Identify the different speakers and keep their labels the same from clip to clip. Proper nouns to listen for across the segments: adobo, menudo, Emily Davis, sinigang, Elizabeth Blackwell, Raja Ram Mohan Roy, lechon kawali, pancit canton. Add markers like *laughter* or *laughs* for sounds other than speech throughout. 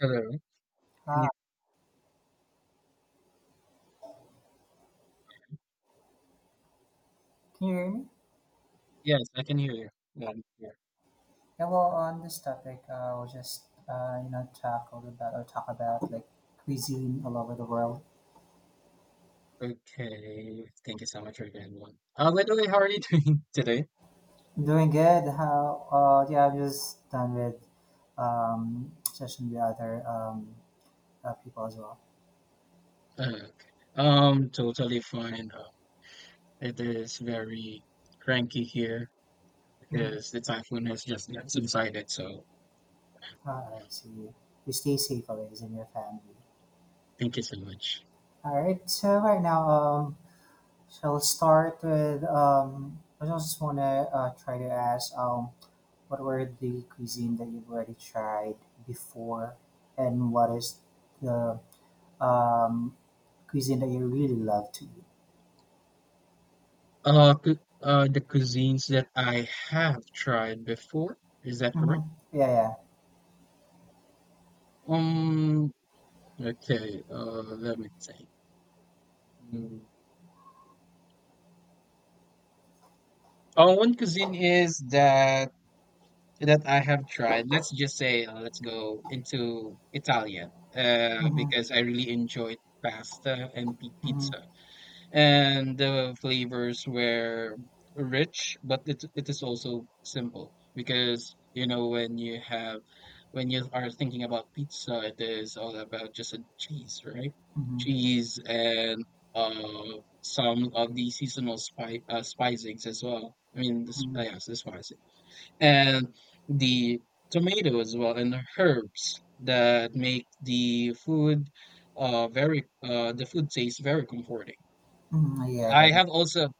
Speaker 1: Hello. Can
Speaker 2: Ah,
Speaker 1: you?
Speaker 2: can you hear me?
Speaker 1: Yes, I can hear you. Yeah, I'm here.
Speaker 2: Yeah, well, on this topic, I'll just, tackle about or talk about like cuisine all over the world.
Speaker 1: Okay. Thank you so much again, one. By the way, how are you *laughs* doing today?
Speaker 2: I'm doing good. How? Yeah, I'm just done with session with other people as well.
Speaker 1: Uh, okay. Totally fine. It is very cranky here
Speaker 2: Mm-hmm.
Speaker 1: because the typhoon has just not subsided. So
Speaker 2: Ah, I see. You stay safe, always, and your family.
Speaker 1: thank you so much.
Speaker 2: All right. So right now, shall start with I just want to try to ask what were the cuisine that you've already tried before, and what is the um, cuisine that you really love to eat?
Speaker 1: The cuisines that I have tried before, is that
Speaker 2: Hmm.
Speaker 1: correct?
Speaker 2: Yeah, yeah.
Speaker 1: Um, okay. Let me think. Mm. Oh, one cuisine is that I have tried. Let's just say, let's go into Italian,
Speaker 2: Hmm.
Speaker 1: because I really enjoyed pasta and
Speaker 2: Hmm.
Speaker 1: pizza, and the flavors were rich, but it is also simple because you know when you are thinking about pizza, it is all about just a cheese, right?
Speaker 2: Hmm.
Speaker 1: Cheese and uh, some of the seasonal spicings as well.
Speaker 2: Hmm.
Speaker 1: Yes, the spicings and the tomatoes as well and the herbs that make the food taste very comforting.
Speaker 2: Hmm. Yeah,
Speaker 1: I
Speaker 2: that is.
Speaker 1: have also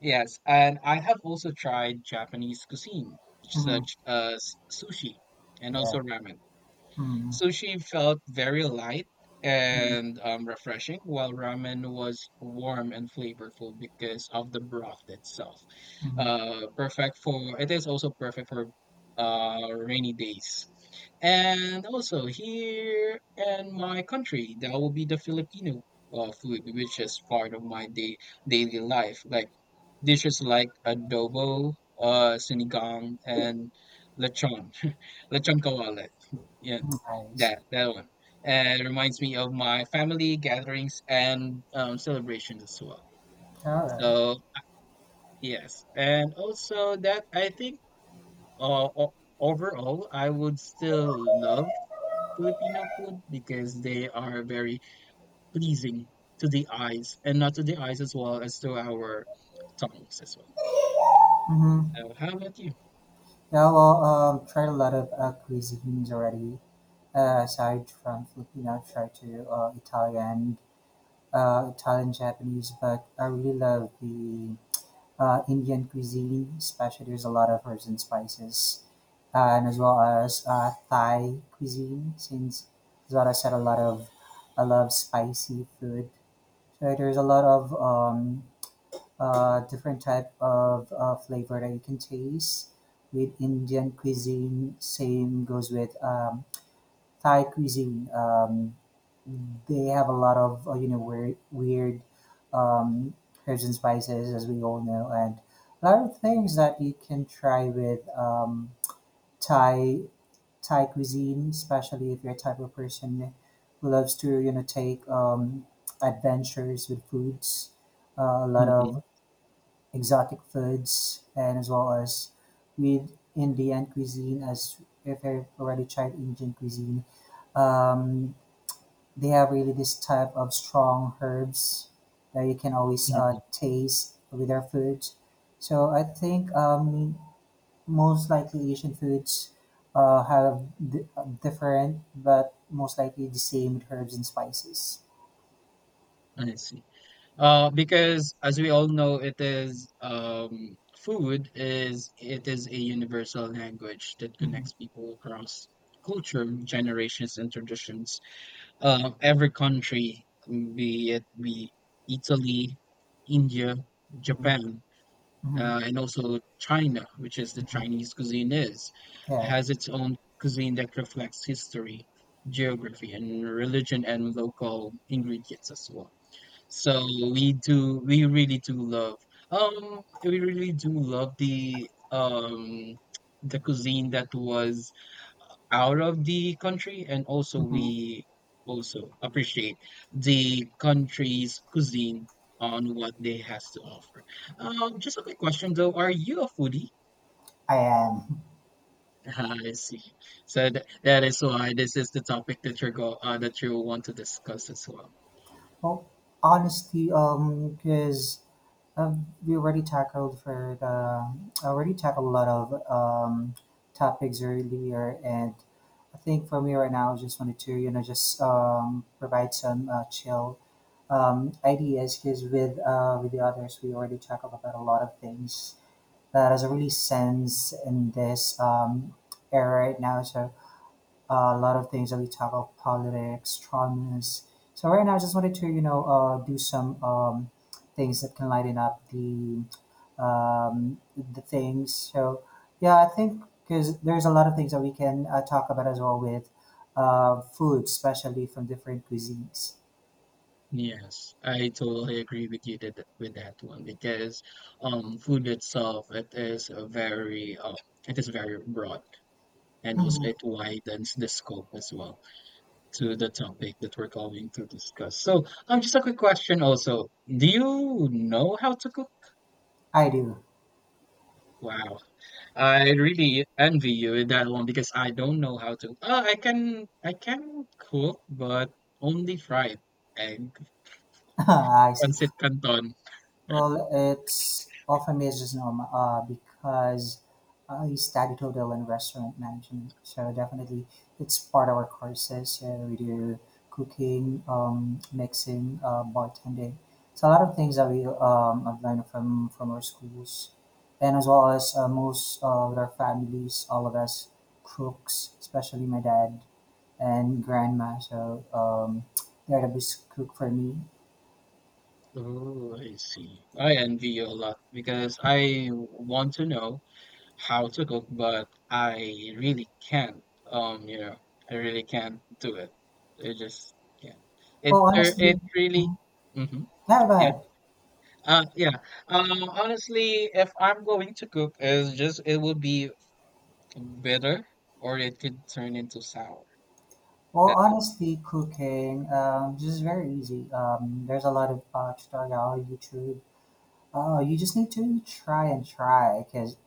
Speaker 1: yes, and I have also tried Japanese cuisine
Speaker 2: Hmm.
Speaker 1: such as sushi and
Speaker 2: Yeah.
Speaker 1: also ramen.
Speaker 2: Hmm.
Speaker 1: Sushi felt very light
Speaker 2: Hmm.
Speaker 1: and refreshing, while ramen was warm and flavorful because of the broth itself.
Speaker 2: Hmm.
Speaker 1: Perfect for it is also perfect for rainy days. And also here in my country, that will be the Filipino food, which is part of my day daily life. Like dishes like adobo, sinigang, and lechon, *laughs* lechon kawale. Yeah,
Speaker 2: I
Speaker 1: that
Speaker 2: see.
Speaker 1: that one. And it reminds me of my family gatherings and celebrations as well.
Speaker 2: All right.
Speaker 1: So yes, and also that I think overall I would still love Filipino food because they are very pleasing to the eyes and not to the eyes as well as to our tongues as well.
Speaker 2: Mm-hmm.
Speaker 1: So how about you?
Speaker 2: Yeah, well, tried a lot of cuisines already. Aside from Filipino, I've tried to Italian, Japanese, but I really love the Indian cuisine, especially there's a lot of herbs and spices, and as well as Thai cuisine, since as well I said a lot of I love spicy food. So there's a lot of different type of flavor that you can taste with Indian cuisine. Same goes with Thai cuisine. They have a lot of you know weird, weird um, herbs and spices, as we all know, and a lot of things that you can try with Thai Thai cuisine, especially if you're a type of person who loves to you know take adventures with foods. A lot of exotic foods, and as well as with Indian cuisine, as if I've already tried Indian cuisine. Um, they have really this type of strong herbs that you can always
Speaker 1: Mhm.
Speaker 2: taste with their food. So I think most likely Asian foods uh, have di- different, but most likely the same herbs and spices.
Speaker 1: I see. Because as we all know, it is a universal language that
Speaker 2: Hmm.
Speaker 1: connects people across culture, generations, and traditions. Every country, be Italy, India,
Speaker 2: Hmm.
Speaker 1: Japan,
Speaker 2: Hmm.
Speaker 1: and also China, which is the Chinese cuisine
Speaker 2: Yeah.
Speaker 1: has its own cuisine that reflects history, geography, and religion, and local ingredients as well. So we really do we really do love the cuisine that was out of the country, and also
Speaker 2: Hmm.
Speaker 1: we also appreciate the country's cuisine on what they has to offer. Just a quick question though, are you a foodie?
Speaker 2: I am.
Speaker 1: *laughs* I see. So th that is why this is the topic that you're go that you want to discuss as well.
Speaker 2: Well, honesty, because we already tackled for the I already tackled a lot of topics earlier, and I think for me right now, I just wanted to you know just provide some chill ideas because with the others, we already tackled about a lot of things that is a really sense in this era right now. So a lot of things that we talk about politics, traumas. So right now, I just wanted to you know do some things that can lighten up the things. So yeah, I think because there's a lot of things that we can talk about as well with food, especially from different cuisines.
Speaker 1: Yes, I totally agree with with that one because food itself it is very broad and also
Speaker 2: Mhm.
Speaker 1: it widens the scope as well to the topic that we're going to discuss. So just a quick question also. Do you know how to cook?
Speaker 2: I do.
Speaker 1: Wow. I really envy you with that one because I don't know how to I can cook but only fried egg,
Speaker 2: *laughs* I see.
Speaker 1: pancit canton.
Speaker 2: Well, it's often amazes normal because I studied hotel and restaurant management, so definitely it's part of our courses. So we do cooking, mixing, bartending. It's a lot of things that we have learned from our schools, and as well as most with our families, all of us cooks, especially my dad and grandma. So they're the best cook for me.
Speaker 1: Ooh, I see. I envy you a lot because I want to know how to cook, but I really can't. You know, I really can't do it. I just can't.
Speaker 2: Well,
Speaker 1: It
Speaker 2: honestly,
Speaker 1: really.
Speaker 2: mhm,
Speaker 1: Hmm.
Speaker 2: yeah, go
Speaker 1: Yeah.
Speaker 2: ahead.
Speaker 1: Yeah. Honestly, if I'm going to cook, it would be bitter or it could turn into sour.
Speaker 2: Well,
Speaker 1: That's it.
Speaker 2: honestly, cooking this is very easy. There's a lot of tutorial on YouTube. Oh, you just need to try and try because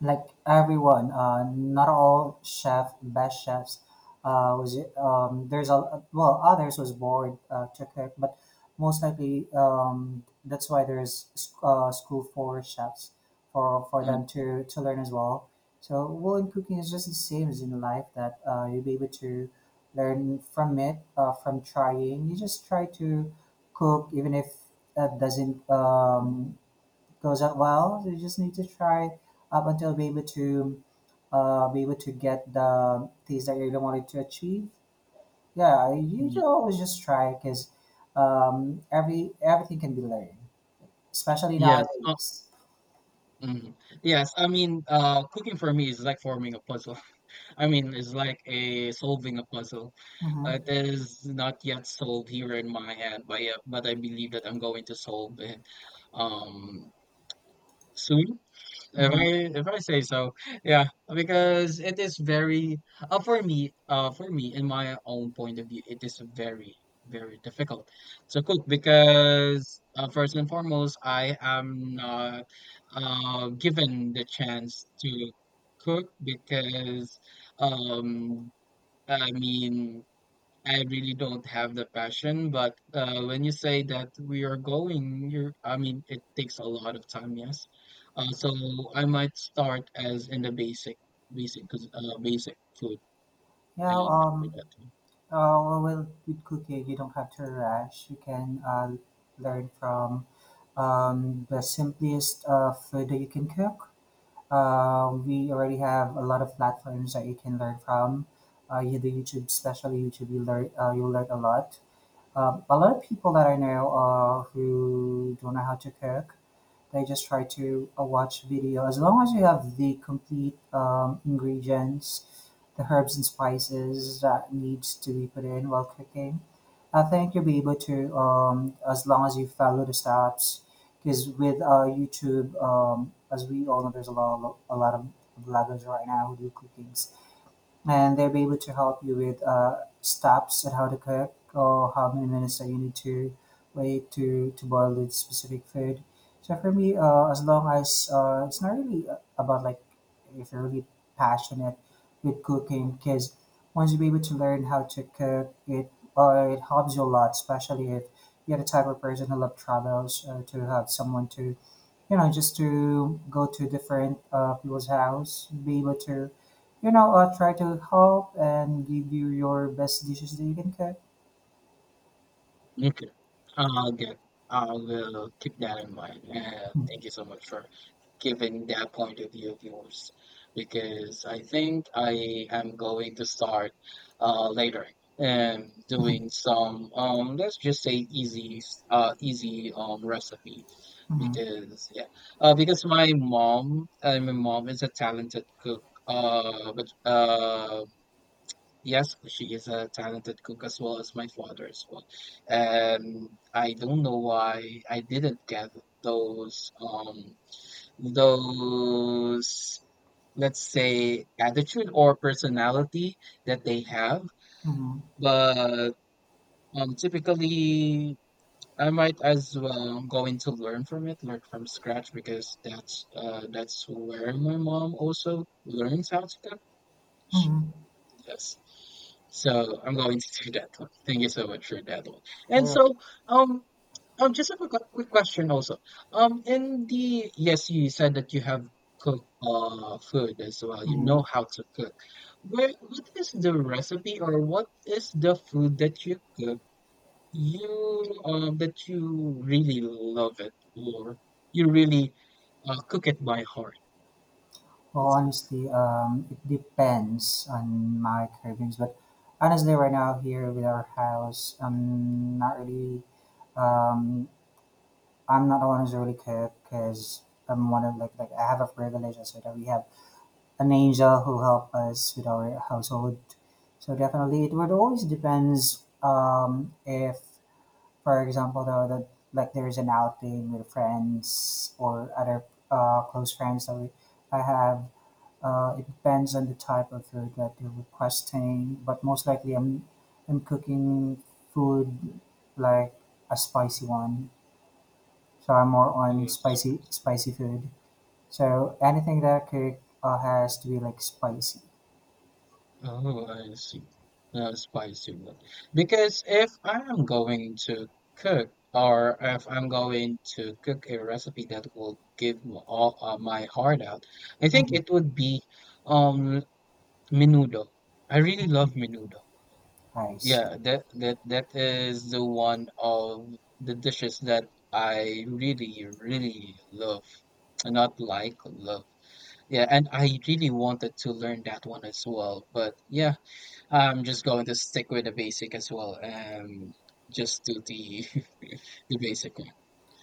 Speaker 2: like everyone, not all chef, best chefs, was there's a well others was bored to cook, but most likely that's why there's school for chefs for
Speaker 1: Mm,
Speaker 2: them to learn as well. So well, in cooking is just the same as in life that you'll be able to learn from it from trying. You just try to cook even if that doesn't goes out well. So you just need to try up until be able to get the things that you really wanted to achieve. Yeah, you
Speaker 1: y-
Speaker 2: should always just try because everything can be learned, especially
Speaker 1: yes.
Speaker 2: nowadays.
Speaker 1: Mm. Yes, I mean, cooking for me is like forming a puzzle. *laughs* I mean, it's like a solving a puzzle.
Speaker 2: Mm-hmm.
Speaker 1: It is not yet solved here in my head, but yeah, but I believe that I'm going to solve it um soon. If
Speaker 2: Mm-hmm.
Speaker 1: if I say so, yeah, because it is very for me in my own point of view, it is very difficult to cook because first and foremost, I am not given the chance to cook because um I mean I really don't have the passion, but when you say that we are going, you're, I mean, it takes a lot of time, yes. So I might start as in the basic food,
Speaker 2: Yeah.
Speaker 1: and for that.
Speaker 2: Well, with cooking, you don't have to rush. You can learn from the simplest food that you can cook. We already have a lot of platforms that you can learn from. You do YouTube, especially YouTube, you learn a lot. A lot of people that I know who don't know how to cook, they just try to watch video. As long as you have the complete ingredients the herbs and spices that needs to be put in while cooking. I think you'll be able to as long as you follow the steps. Because with YouTube, as we all know, there's a lot of vloggers right now who do cooking and they'll be able to help you with steps and how to cook or how many minutes that you need to wait to boil the specific food. So for me, as long as it's not really about like if you're really passionate with cooking, because once you be able to learn how to cook, it helps you a lot, especially if you're the type of person who love travels to have someone to you know, just to go to different people's house, be able to, you know, try to help and give you your best dishes that you can cook.
Speaker 1: Okay, I'll get, I will keep that in mind. Thank you so much for given their point of view of yours because I think I am going to start later and
Speaker 2: Mm-hmm.
Speaker 1: doing some let's just say easy easy recipe
Speaker 2: Mm-hmm.
Speaker 1: because yeah because my mom is a talented cook but yes she is a talented cook as well as my father as well and I don't know why I didn't get those um those let's say attitude or personality that they have
Speaker 2: Mm-hmm.
Speaker 1: but typically I might as well go into learn from it, learn from scratch because that's where my mom also learns how to cook. Sh-
Speaker 2: Mm-hmm.
Speaker 1: yes, so I'm going to do that one, thank you so much for that one. And
Speaker 2: Well,
Speaker 1: so um just have a quick question also. In the yes, you said that you have cooked food as well. You
Speaker 2: mm-hmm.
Speaker 1: know how to cook. Where What is the recipe or what is the food that you cook you that you really love it or you really cook it by heart?
Speaker 2: well,
Speaker 1: It's
Speaker 2: honestly, it depends on my cravings, but honestly, right now here with our house, I'm not really, um, I'm not the one who's really cook because I'm one of like I have a privilege. I said that we have an angel who help us with our household. So definitely, it would always depends if, for example, the like there is an outing with friends or other close friends that we, I have. It depends on the type of food that you're requesting, but most likely I'm cooking food like a spicy one. So I'm more on
Speaker 1: almost-
Speaker 2: spicy food. So anything that I cook has to be like spicy.
Speaker 1: Oh, I see. No spicy one. Because if I am going to cook, or if I'm going to cook a recipe that will give m- all my heart out, I think
Speaker 2: Mm,
Speaker 1: it would be um menudo. I really love menudo.
Speaker 2: I see.
Speaker 1: Yeah, that that is the one of the dishes that I really, really love. Not like love. Yeah, and I really wanted to learn that one as well. But yeah. I'm just going to stick with the basic as well. Just do the *laughs* the basic one.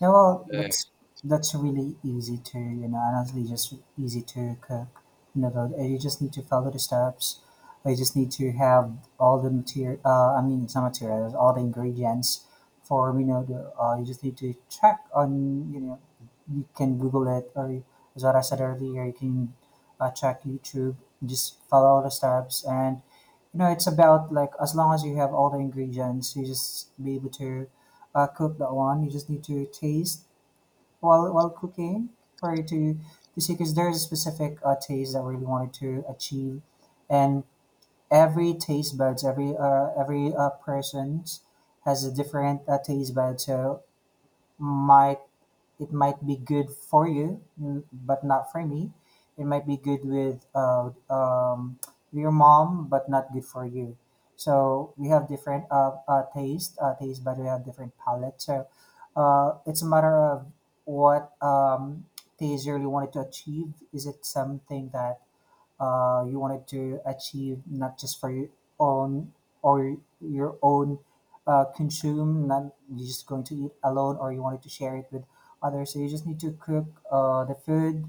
Speaker 2: Yeah, well,
Speaker 1: Uh,
Speaker 2: that's really easy to, you know, honestly, just easy to cook. You know, though, you just need to follow the steps. You just need to have all the material. I mean, it's not materials, all the ingredients for you know. You just need to check on you know. You can Google it, or as what I said earlier, you can check YouTube. Just follow all the steps, and you know, it's about like as long as you have all the ingredients, you just be able to cook that one. You just need to taste while cooking prior to see because there's a specific taste that I really wanted to achieve, and every taste buds, every person has a different taste bud. So my it might be good for you, but not for me. It might be good with your mom, but not good for you. So we have different taste, but we have different palate. So it's a matter of what taste you really wanted to achieve. Is it something that you wanted to achieve, not just for your own or your own consume, not you're just going to eat alone, or you wanted to share it with others. So you just need to cook the food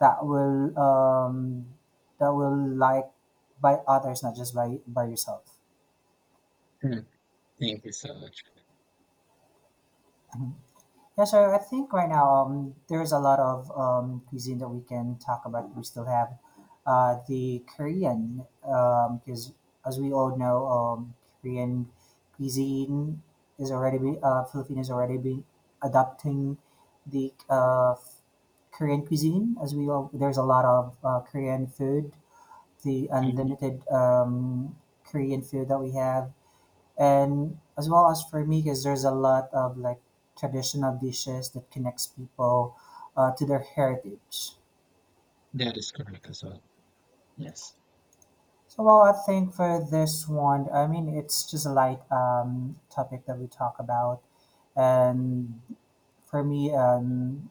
Speaker 2: that will um, that will like by others, not just by yourself.
Speaker 1: hmm, Thank you so much.
Speaker 2: *laughs* Yeah, so I think right now there's a lot of cuisine that we can talk about. We still have the Korean, because as we all know, Korean cuisine is already be, Filipinos already be adopting the Korean cuisine. As we all, there's a lot of Korean food, the
Speaker 1: Um,
Speaker 2: unlimited Korean food that we have and as well as for me because there's a lot of like traditional dishes that connects people to their heritage.
Speaker 1: That is correct as well. Yes.
Speaker 2: So well, I think for this one, I mean, it's just a light topic that we talk about and for me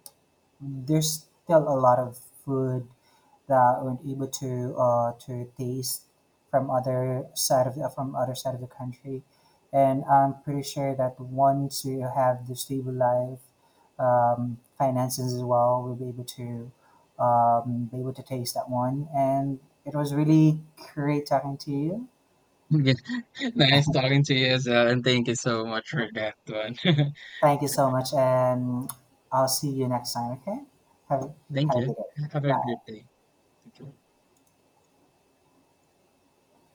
Speaker 2: there's still a lot of food that weren't able to taste from other side of the, from other side of the country. And I'm pretty sure that once we have the stable life finances as well, we'll be able to taste that one. And it was really great talking to you.
Speaker 1: Yeah. *laughs* Nice talking to you as well, and thank you so much for that one. *laughs*
Speaker 2: Thank you so much, and I'll see you next time. Okay, have
Speaker 1: Thank
Speaker 2: have a
Speaker 1: you.
Speaker 2: good day.
Speaker 1: Have a
Speaker 2: Bye.
Speaker 1: great day. Thank you.